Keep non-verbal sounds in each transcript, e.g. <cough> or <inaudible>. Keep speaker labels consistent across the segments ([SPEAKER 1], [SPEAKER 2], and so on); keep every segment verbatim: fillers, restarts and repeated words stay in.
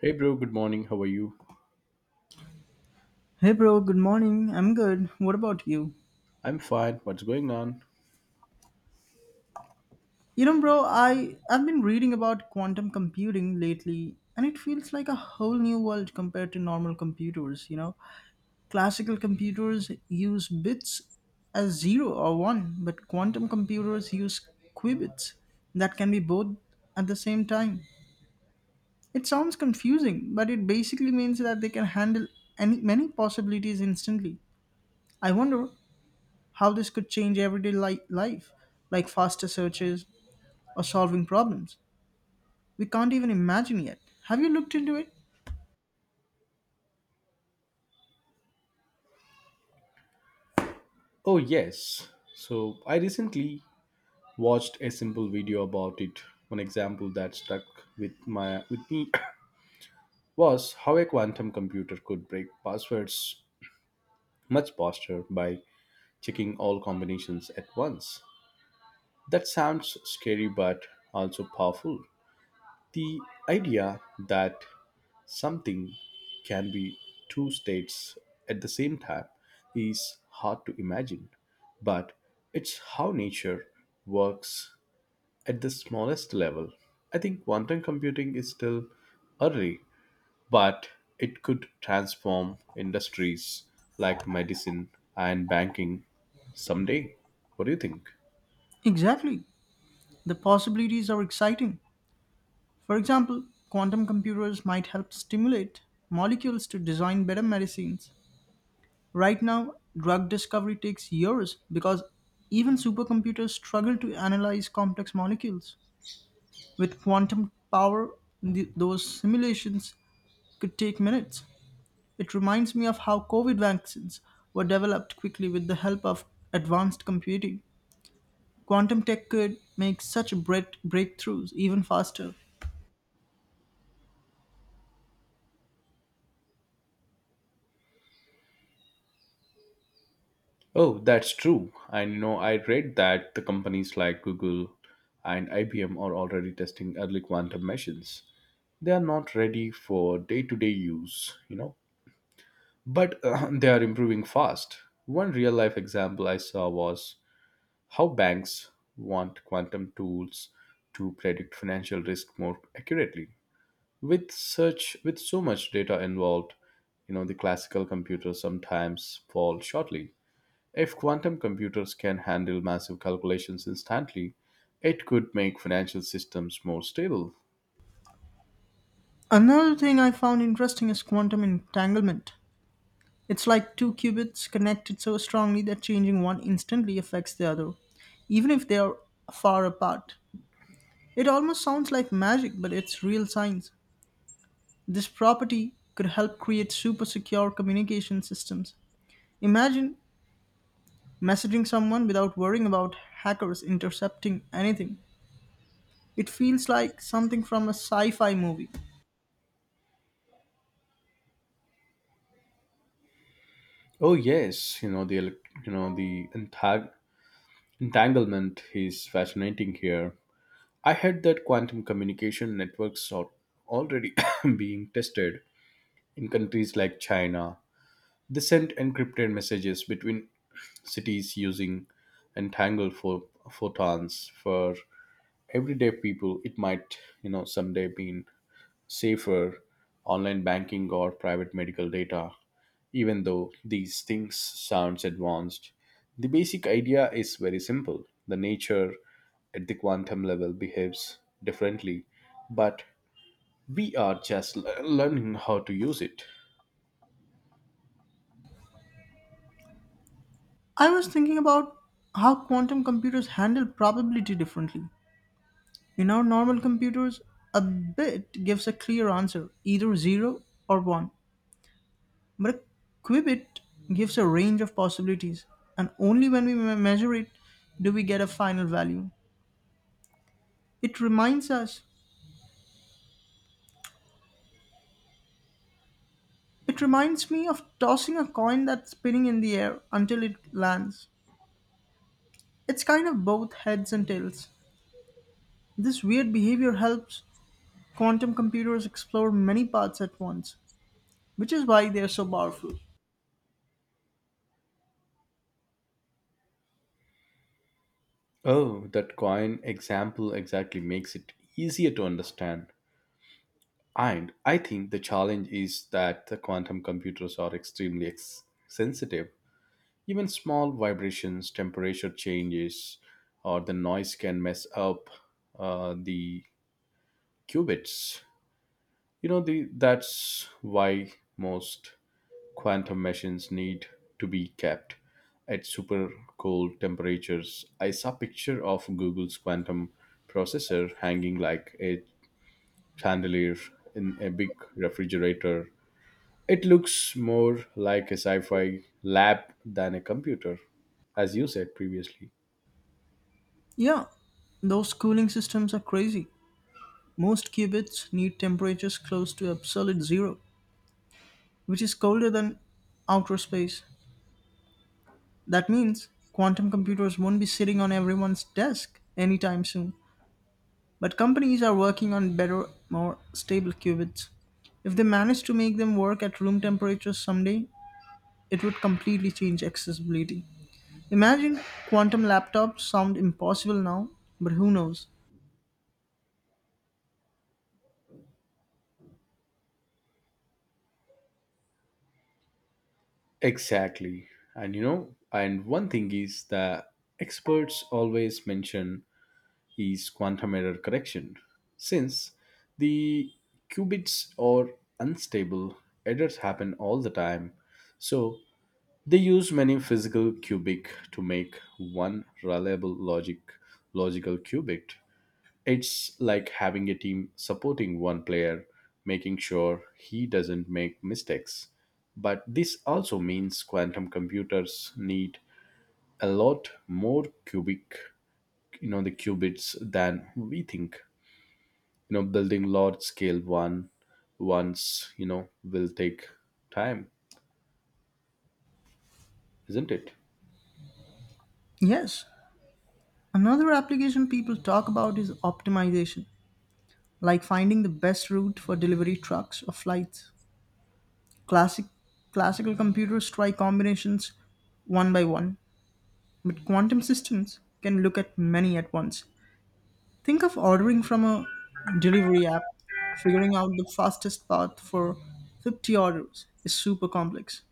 [SPEAKER 1] Hey bro, good morning. How are you?
[SPEAKER 2] Hey bro, good morning. I'm good. What about you?
[SPEAKER 1] I'm fine. What's going on?
[SPEAKER 2] You know bro, I I've been reading about quantum computing lately, and it feels like a whole new world compared to normal computers, you know. Classical computers use bits as zero or one, but quantum computers use qubits that can be both at the same time. It sounds confusing, but it basically means that they can handle any many possibilities instantly. I wonder how this could change everyday li- life, like faster searches or solving problems. We can't even imagine yet. Have you looked into it?
[SPEAKER 1] Oh, yes. So, I recently watched a simple video about it. One example that stuck with my with me <coughs> was how a quantum computer could break passwords much faster by checking all combinations at once. That sounds scary but also powerful. The idea that something can be two states at the same time is hard to imagine, but it's how nature works at the smallest level. I think quantum computing is still early, but it could transform industries like medicine and banking someday. What do you think?
[SPEAKER 2] Exactly. The possibilities are exciting. For example, quantum computers might help stimulate molecules to design better medicines. Right now, drug discovery takes years because even supercomputers struggle to analyze complex molecules. With quantum power, th- those simulations could take minutes. It reminds me of how COVID vaccines were developed quickly with the help of advanced computing. Quantum tech could make such break- breakthroughs even faster.
[SPEAKER 1] Oh, that's true. I know I read that the companies like Google and I B M are already testing early quantum machines. They are not ready for day to day use, you know, but uh, <laughs> they are improving fast. One real life example I saw was how banks want quantum tools to predict financial risk more accurately. With such with so much data involved, you know, the classical computers sometimes fall shortly. If quantum computers can handle massive calculations instantly, it could make financial systems more stable.
[SPEAKER 2] Another thing I found interesting is quantum entanglement. It's like two qubits connected so strongly that changing one instantly affects the other, even if they are far apart. It almost sounds like magic, but it's real science. This property could help create super secure communication systems. Imagine messaging someone without worrying about hackers intercepting anything. It feels like something from a sci fi movie.
[SPEAKER 1] Oh yes, you know the elec- you know the entang- entanglement is fascinating here. I heard that quantum communication networks are already <coughs> being tested in countries like China. They sent encrypted messages between cities using entangled pho- photons. For everyday people, it might you know someday be safer online banking or private medical data, even though these things sounds advanced. The basic idea is very simple. The nature at the quantum level behaves differently, but we are just le- learning how to use it.
[SPEAKER 2] I was thinking about how quantum computers handle probability differently. In our normal computers, a bit gives a clear answer, either zero or one, but a qubit gives a range of possibilities, and only when we me- measure it do we get a final value. It reminds us it reminds me of tossing a coin that's spinning in the air until it lands. It's kind of both heads and tails. This weird behavior helps quantum computers explore many paths at once, which is why they're so powerful.
[SPEAKER 1] Oh, that coin example exactly makes it easier to understand. And I think the challenge is that the quantum computers are extremely ex- sensitive. Even small vibrations, temperature changes, or the noise can mess up uh, the qubits. You know, the, that's why most quantum machines need to be kept at super cold temperatures. I saw a picture of Google's quantum processor hanging like a chandelier in a big refrigerator. It looks more like a sci-fi lab than a computer, as you said previously.
[SPEAKER 2] Yeah, those cooling systems are crazy. Most qubits need temperatures close to absolute zero, which is colder than outer space. That means quantum computers won't be sitting on everyone's desk anytime soon. But companies are working on better, more stable qubits. If they manage to make them work at room temperature someday, it would completely change accessibility. Imagine quantum laptops sound impossible now, but who knows?
[SPEAKER 1] Exactly. And you know, and one thing is that experts always mention is quantum error correction. Since the qubits are unstable, errors happen all the time. So they use many physical qubit to make one reliable logic logical qubit. It's like having a team supporting one player, making sure he doesn't make mistakes. But this also means quantum computers need a lot more cubic, you know, the qubits than we think. You know, building large scale one once, you know, will take time, isn't it?
[SPEAKER 2] Yes, another application people talk about is optimization, like finding the best route for delivery trucks or flights. Classic Classical computers try combinations one by one, but quantum systems can look at many at once. Think of ordering from a delivery app, figuring out the fastest path for fifty orders is super complex.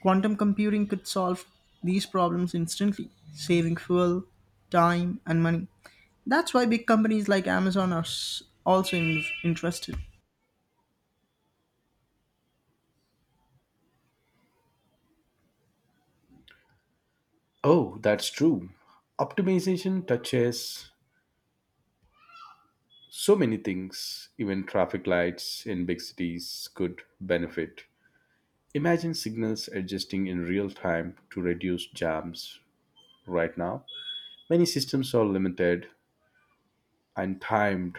[SPEAKER 2] Quantum computing could solve these problems instantly, saving fuel, time, and money. That's why big companies like Amazon are s- also in- interested.
[SPEAKER 1] Oh, that's true. Optimization touches so many things, even traffic lights in big cities could benefit. Imagine signals adjusting in real time to reduce jams right now. Many systems are limited and timed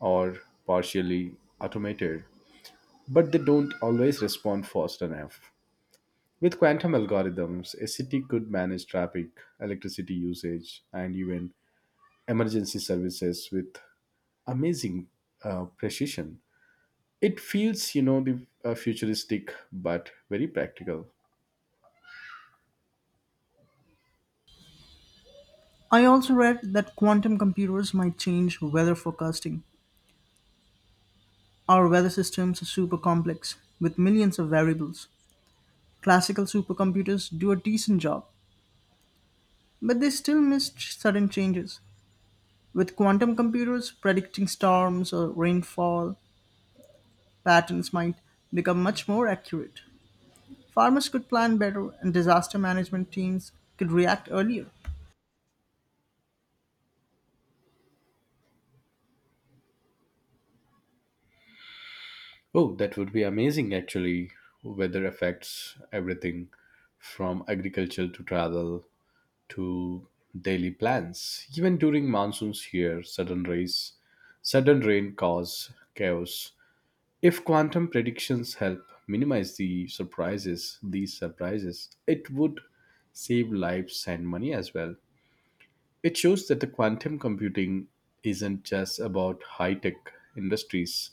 [SPEAKER 1] or partially automated, but they don't always respond fast enough. With quantum algorithms, a city could manage traffic, electricity usage, and even emergency services with amazing uh, precision. It feels, you know, the uh, futuristic but very practical.
[SPEAKER 2] I also read that quantum computers might change weather forecasting. Our weather systems are super complex, with millions of variables. Classical supercomputers do a decent job, but they still miss ch- sudden changes. With quantum computers, predicting storms or rainfall patterns might become much more accurate. Farmers could plan better and disaster management teams could react earlier.
[SPEAKER 1] Oh, that would be amazing actually. Weather affects everything from agriculture to travel to daily plans. Even during monsoons here, sudden rains, sudden rain cause chaos. If quantum predictions help minimize the surprises, these surprises, it would save lives and money as well. It shows that the quantum computing isn't just about high-tech industries,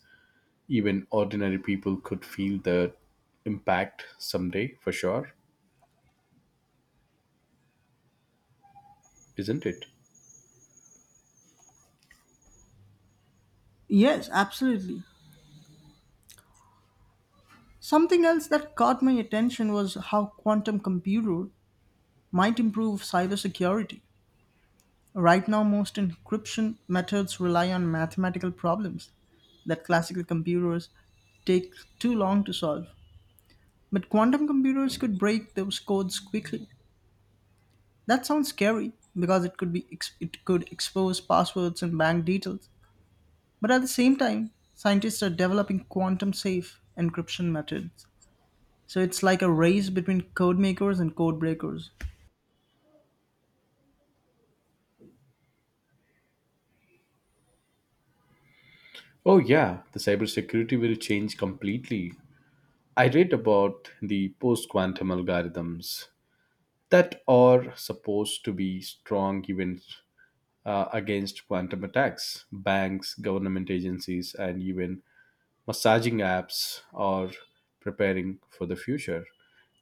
[SPEAKER 1] even ordinary people could feel the impact someday for sure, isn't it?
[SPEAKER 2] Yes, absolutely. Something else that caught my attention was how quantum computer might improve cybersecurity. Right now, most encryption methods rely on mathematical problems that classical computers take too long to solve. But quantum computers could break those codes quickly. That sounds scary because it could be ex- it could expose passwords and bank details. But at the same time, scientists are developing quantum safe encryption methods. So it's like a race between code makers and code breakers.
[SPEAKER 1] Oh, yeah, the cybersecurity will change completely. I read about the post quantum algorithms that are supposed to be strong even uh, against quantum attacks. Banks, government agencies, and even massaging apps or preparing for the future.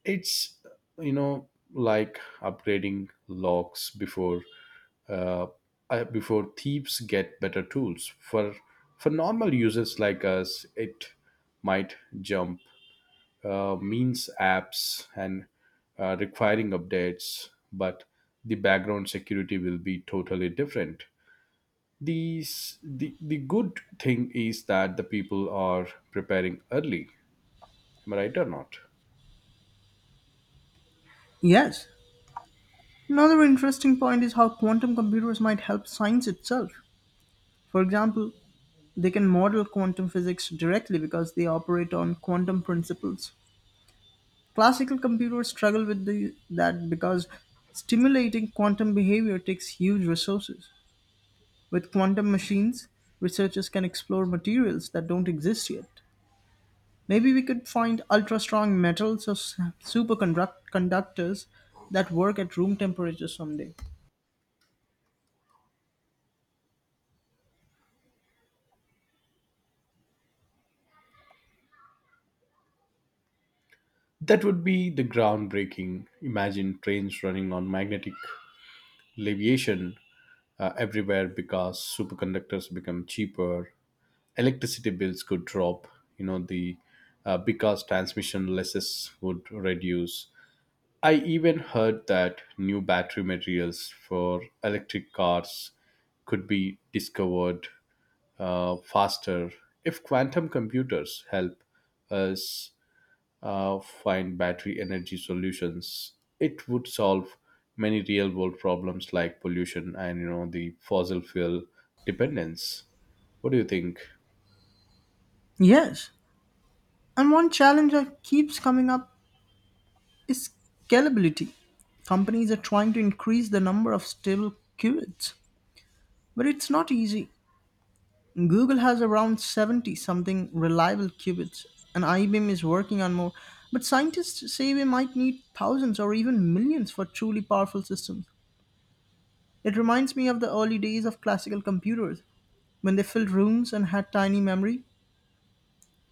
[SPEAKER 1] It's, you know, like upgrading locks before uh, uh, before thieves get better tools. For for normal users like us, it might jump, uh, means apps and uh, requiring updates, but the background security will be totally different. The s- the the good thing is that the people are preparing early. Am I right or not?
[SPEAKER 2] Yes. Another interesting point is how quantum computers might help science itself. For example, they can model quantum physics directly because they operate on quantum principles. Classical computers struggle with the, that because stimulating quantum behavior takes huge resources. With quantum machines, researchers can explore materials that don't exist yet. Maybe we could find ultra strong metals or superconductors that work at room temperature someday.
[SPEAKER 1] That would be the groundbreaking. Imagine trains running on magnetic leviation uh, everywhere because superconductors become cheaper. Electricity bills could drop, you know, the, uh, because transmission losses would reduce. I even heard that new battery materials for electric cars could be discovered uh, faster. If quantum computers help us uh, find battery energy solutions, it would solve many real world problems like pollution and you know the fossil fuel dependence. What do you think?
[SPEAKER 2] Yes, and one challenge that keeps coming up is scalability. Companies are trying to increase the number of stable qubits, but it's not easy. Google has around seventy something reliable qubits, and I B M is working on more. But scientists say we might need thousands or even millions for truly powerful systems. It reminds me of the early days of classical computers when they filled rooms and had tiny memory.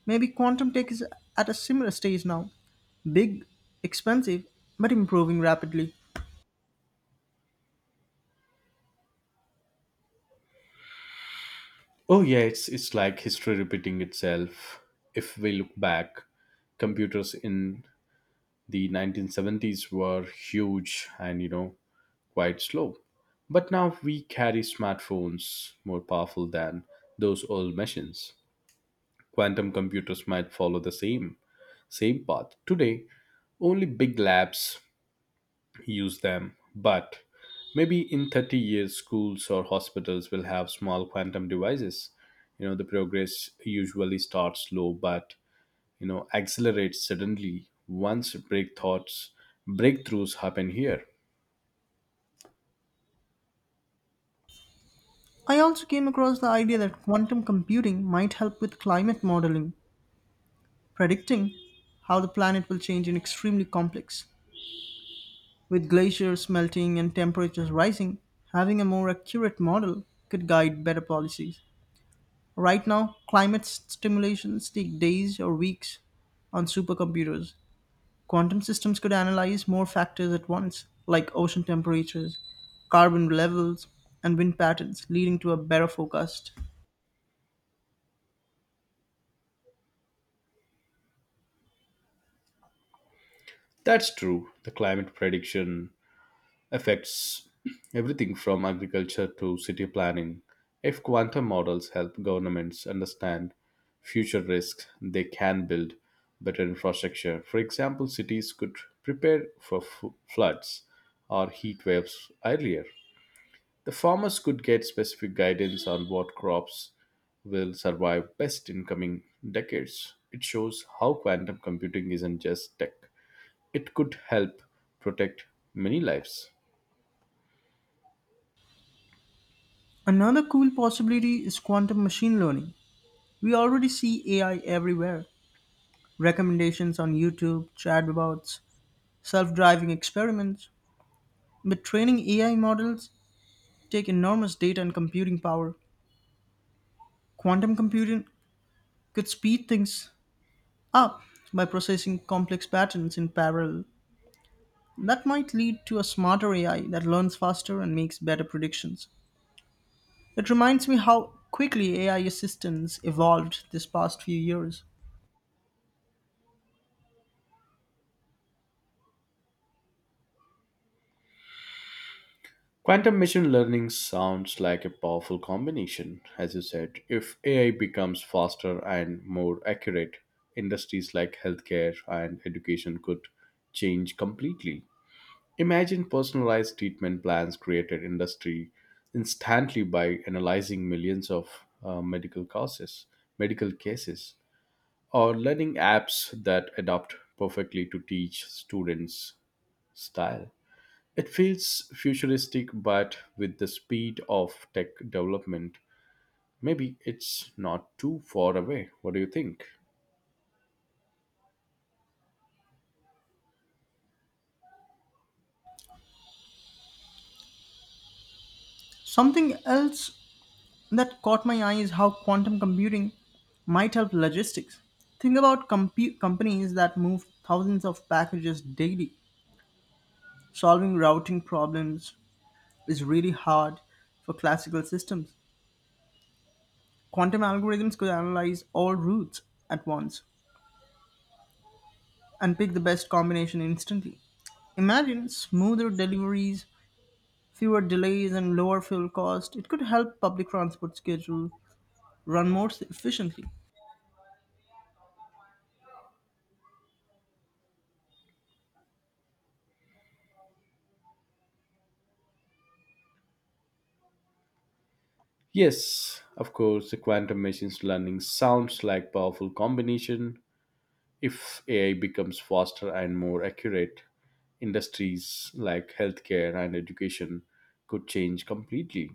[SPEAKER 2] Maybe quantum tech is at a similar stage now. Big, expensive, but improving rapidly.
[SPEAKER 1] Oh yeah, it's it's like history repeating itself. If we look back, computers in the nineteen seventies were huge and you know quite slow. But now we carry smartphones more powerful than those old machines. Quantum computers might follow the same same path. Today, only big labs use them, but maybe in thirty years schools or hospitals will have small quantum devices. You know, the progress usually starts slow but, you know, accelerates suddenly once break thoughts breakthroughs happen here.
[SPEAKER 2] I also came across the idea that quantum computing might help with climate modeling, predicting how the planet will change in extremely complex. With glaciers melting and temperatures rising, having a more accurate model could guide better policies. Right now, climate s- simulations take days or weeks on supercomputers. Quantum systems could analyze more factors at once, like ocean temperatures, carbon levels, and wind patterns, leading to a better forecast.
[SPEAKER 1] That's true. The climate prediction affects everything from agriculture to city planning. If quantum models help governments understand future risks, they can build better infrastructure. For example, cities could prepare for f- floods or heat waves earlier. The farmers could get specific guidance on what crops will survive best in coming decades. It shows how quantum computing isn't just tech, it could help protect many lives.
[SPEAKER 2] Another cool possibility is quantum machine learning. We already see A I everywhere: recommendations on YouTube, chatbots, self driving experiments. But training A I models take enormous data and computing power. Quantum computing could speed things up by processing complex patterns in parallel. That might lead to a smarter A I that learns faster and makes better predictions. It reminds me how quickly A I assistants evolved this past few years.
[SPEAKER 1] Quantum machine learning sounds like a powerful combination, as you said. If A I becomes faster and more accurate, industries like healthcare and education could change completely. Imagine personalized treatment plans created industry instantly by analyzing millions of uh, medical causes, medical cases, or learning apps that adapt perfectly to teach students style. It feels futuristic, but with the speed of tech development, maybe it's not too far away. What do you think?
[SPEAKER 2] Something else that caught my eye is how quantum computing might help logistics. Think about compu companies that move thousands of packages daily. Solving routing problems is really hard for classical systems. Quantum algorithms could analyze all routes at once and pick the best combination instantly. Imagine smoother deliveries, fewer delays, and lower fuel cost. It could help public transport schedule run more efficiently.
[SPEAKER 1] Yes, of course, the quantum machines learning sounds like powerful combination. If A I becomes faster and more accurate, industries like healthcare and education could change completely.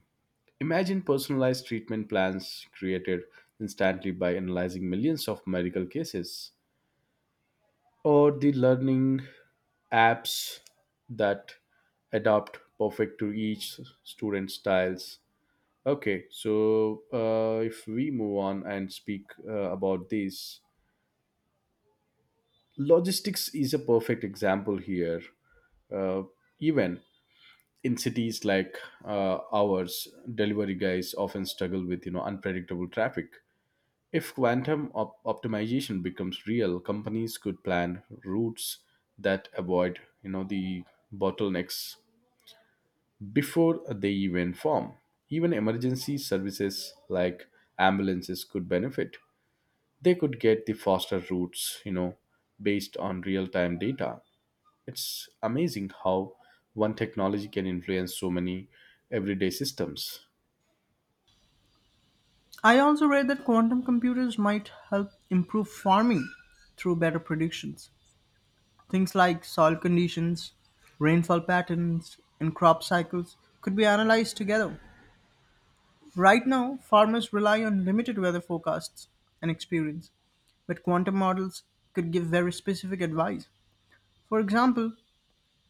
[SPEAKER 1] Imagine personalized treatment plans created instantly by analyzing millions of medical cases, or the learning apps that adapt perfect to each student styles. Okay, so uh, if we move on and speak uh, about this, logistics is a perfect example here. uh, Even in cities like uh, ours, delivery guys often struggle with you know unpredictable traffic. If quantum op- optimization becomes real, companies could plan routes that avoid, you know, the bottlenecks before they even form. Even emergency services like ambulances could benefit. They could get the faster routes, you know, based on real-time data. It's amazing how one technology can influence so many everyday systems.
[SPEAKER 2] I also read that quantum computers might help improve farming through better predictions. Things like soil conditions, rainfall patterns, and crop cycles could be analyzed together. Right now, farmers rely on limited weather forecasts and experience, but quantum models could give very specific advice. For example,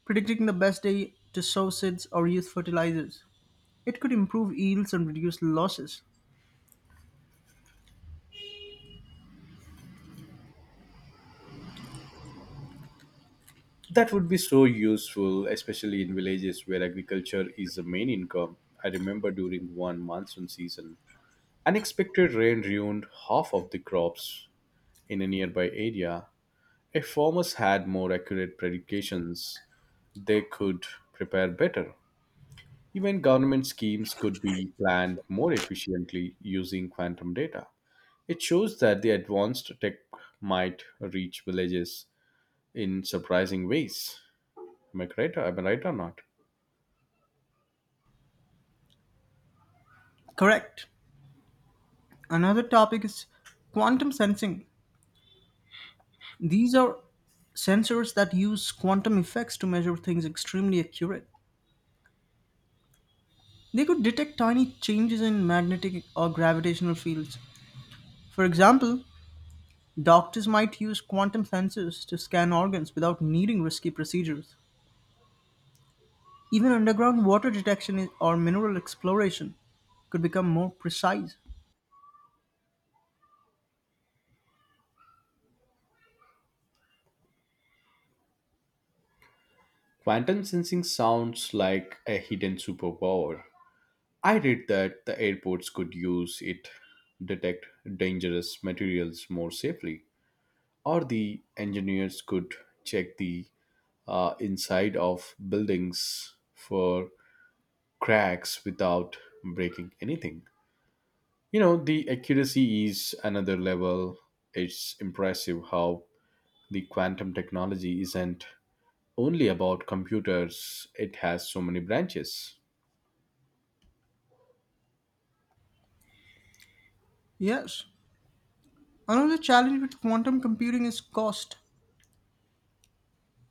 [SPEAKER 2] predicting the best day to sow seeds or use fertilizers. It could improve yields and reduce losses.
[SPEAKER 1] That would be so useful, especially in villages where agriculture is the main income. I remember during one monsoon season, unexpected rain ruined half of the crops in a nearby area. If farmers had more accurate predictions, they could prepare better. Even government schemes could be planned more efficiently using quantum data. It shows that the advanced tech might reach villages in surprising ways. Am I correct? Am I right or not?
[SPEAKER 2] Correct. Another topic is quantum sensing. These are sensors that use quantum effects to measure things extremely accurate. They could detect tiny changes in magnetic or gravitational fields. For example, doctors might use quantum sensors to scan organs without needing risky procedures. Even underground water detection is- or mineral exploration could become more precise.
[SPEAKER 1] Quantum sensing sounds like a hidden superpower. I read that the airports could use it detect dangerous materials more safely, or the engineers could check the uh, inside of buildings for cracks without breaking anything. You know, the accuracy is another level. It's impressive how the quantum technology isn't only about computers, it has so many branches.
[SPEAKER 2] Yes. Another challenge with quantum computing is cost.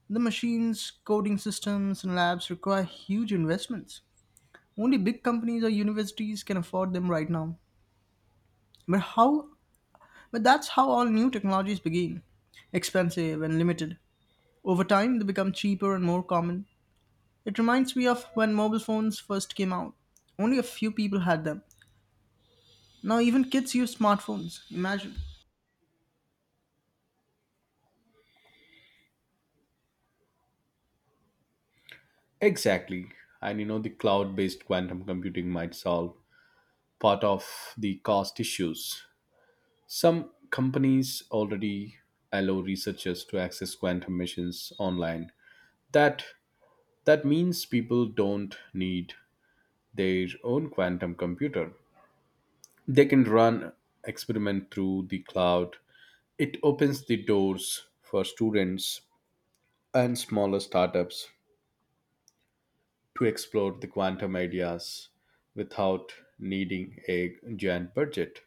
[SPEAKER 2] The machines, coding systems, and labs require huge investments. Only big companies or universities can afford them right now. But how but that's how all new technologies begin. Expensive and limited. Over time they become cheaper and more common. It reminds me of when mobile phones first came out. Only a few people had them. Now even kids use smartphones. Imagine.
[SPEAKER 1] Exactly. And you know, the cloud based quantum computing might solve part of the cost issues. Some companies already allow researchers to access quantum machines online. That that means people don't need their own quantum computer. They can run experiment through the cloud. It opens the doors for students and smaller startups to explore the quantum ideas without needing a giant budget.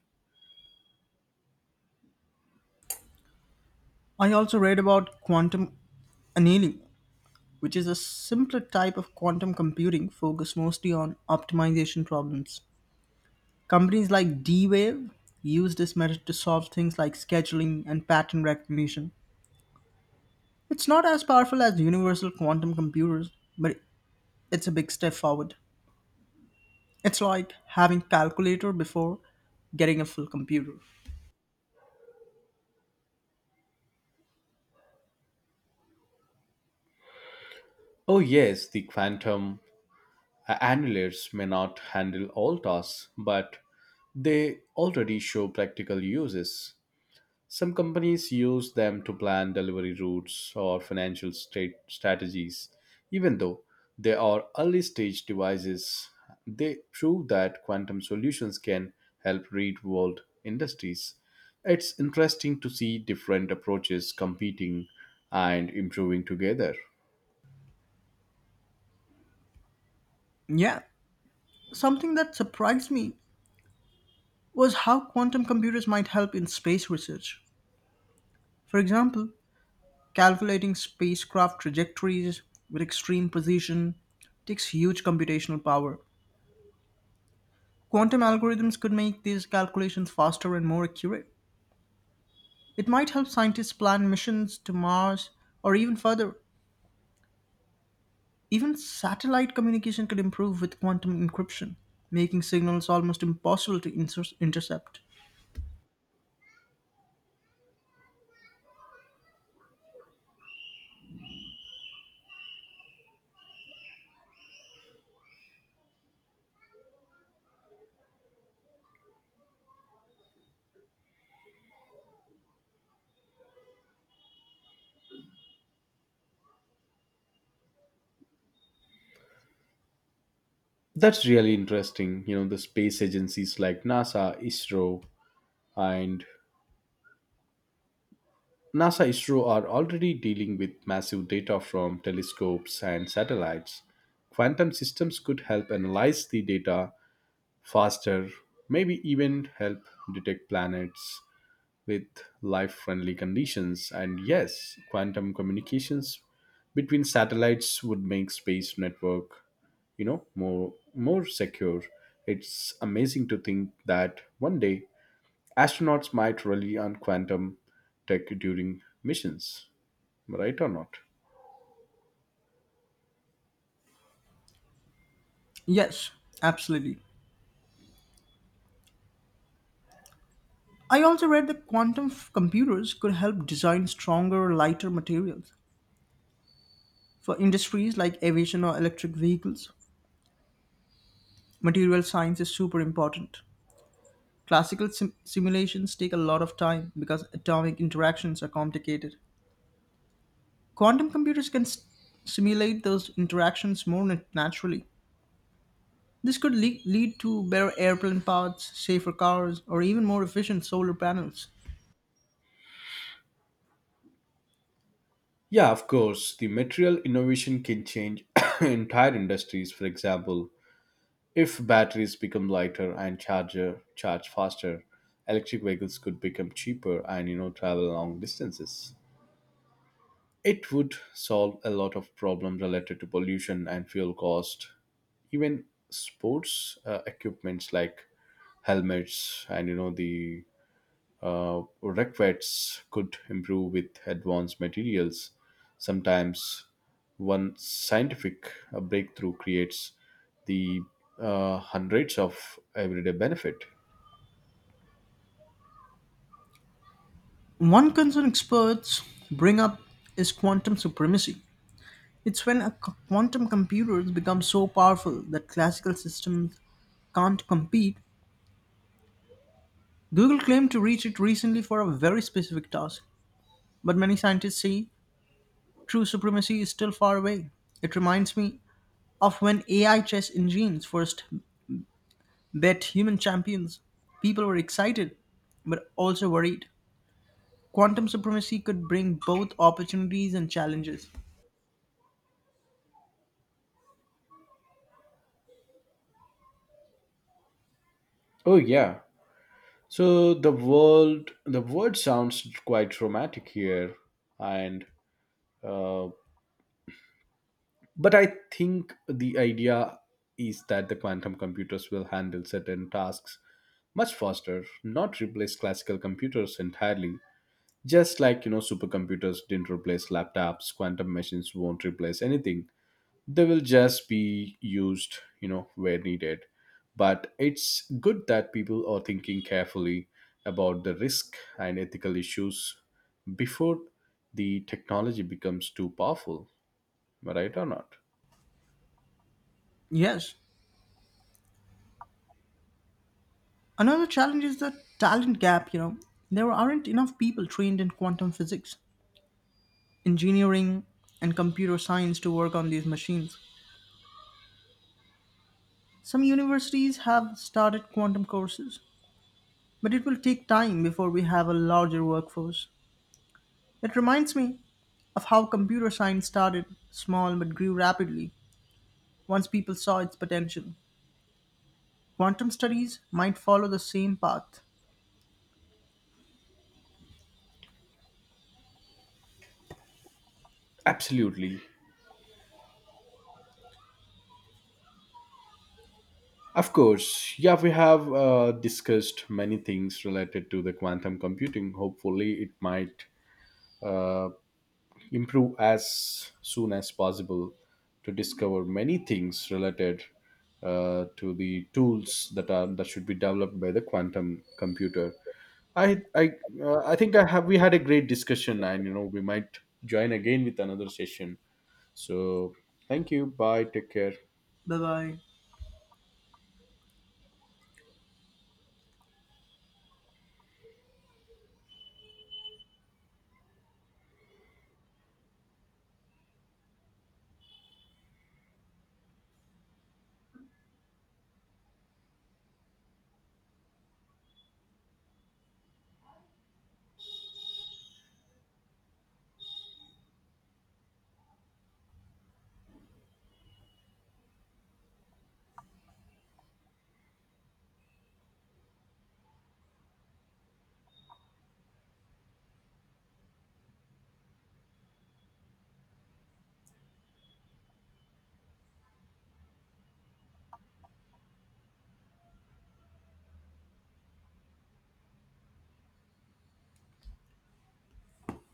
[SPEAKER 2] I also read about quantum annealing, which is a simpler type of quantum computing focused mostly on optimization problems. Companies like D-Wave use this method to solve things like scheduling and pattern recognition. It's not as powerful as universal quantum computers, but it's a big step forward. It's like having calculator before getting a full computer.
[SPEAKER 1] Oh, yes, the quantum a- annulators may not handle all tasks, but they already show practical uses. Some companies use them to plan delivery routes or financial state strategies. Even though they are early stage devices, they prove that quantum solutions can help real world industries. It's interesting to see different approaches competing and improving together.
[SPEAKER 2] Yeah, something that surprised me was how quantum computers might help in space research. For example, calculating spacecraft trajectories with extreme precision takes huge computational power. Quantum algorithms could make these calculations faster and more accurate. It might help scientists plan missions to Mars or even further. Even satellite communication could improve with quantum encryption, making signals almost impossible to inter- intercept.
[SPEAKER 1] That's really interesting. You know, the space agencies like NASA, ISRO, and NASA, ISRO are already dealing with massive data from telescopes and satellites. Quantum systems could help analyze the data faster, maybe even help detect planets with life friendly conditions. And yes, quantum communications between satellites would make space network you know more more secure. It's amazing to think that one day astronauts might rely on quantum tech during missions. Right or not?
[SPEAKER 2] Yes, absolutely. I also read that quantum f- computers could help design stronger, lighter materials. For industries like aviation or electric vehicles, material science is super important. Classical sim- simulations take a lot of time because atomic interactions are complicated. Quantum computers can s- simulate those interactions more nat- naturally. This could le- lead to better airplane parts, safer cars, or even more efficient solar panels.
[SPEAKER 1] Yeah, of course. The material innovation can change <coughs> entire industries. For example, if batteries become lighter and charger charge faster, electric vehicles could become cheaper and you know travel long distances. It would solve a lot of problems related to pollution and fuel cost. Even sports uh, equipments like helmets and you know the Uh, retrofits could improve with advanced materials. Sometimes one scientific uh, breakthrough creates the uh, hundreds of everyday benefit.
[SPEAKER 2] One concern experts bring up is quantum supremacy. It's when a c- quantum computers become so powerful that classical systems can't compete. Google claimed to reach it recently for a very specific task, but many scientists say true supremacy is still far away. It reminds me of when A I chess engines first bet human champions. People were excited, but also worried. Quantum supremacy could bring both opportunities and challenges.
[SPEAKER 1] Oh yeah. So the world, the word sounds quite dramatic here, and uh, but I think the idea is that the quantum computers will handle certain tasks much faster, not replace classical computers entirely. Just like, you know, supercomputers didn't replace laptops, quantum machines won't replace anything. They will just be used, you know, where needed. But it's good that people are thinking carefully about the risk and ethical issues before the technology becomes too powerful. Am I right or not?
[SPEAKER 2] Yes. Another challenge is the talent gap, you know. There aren't enough people trained in quantum physics, engineering, and computer science to work on these machines. Some universities have started quantum courses, but it will take time before we have a larger workforce. It reminds me of how computer science started small but grew rapidly once people saw its potential. Quantum studies might follow the same path.
[SPEAKER 1] Absolutely. Of course. Yeah, we have uh, discussed many things related to the quantum computing. Hopefully, it might uh, improve as soon as possible to discover many things related uh, to the tools that are that should be developed by the quantum computer. I I uh, I think I have we had a great discussion, and you know we might join again with another session. So thank you. Bye. Take care.
[SPEAKER 2] Bye bye.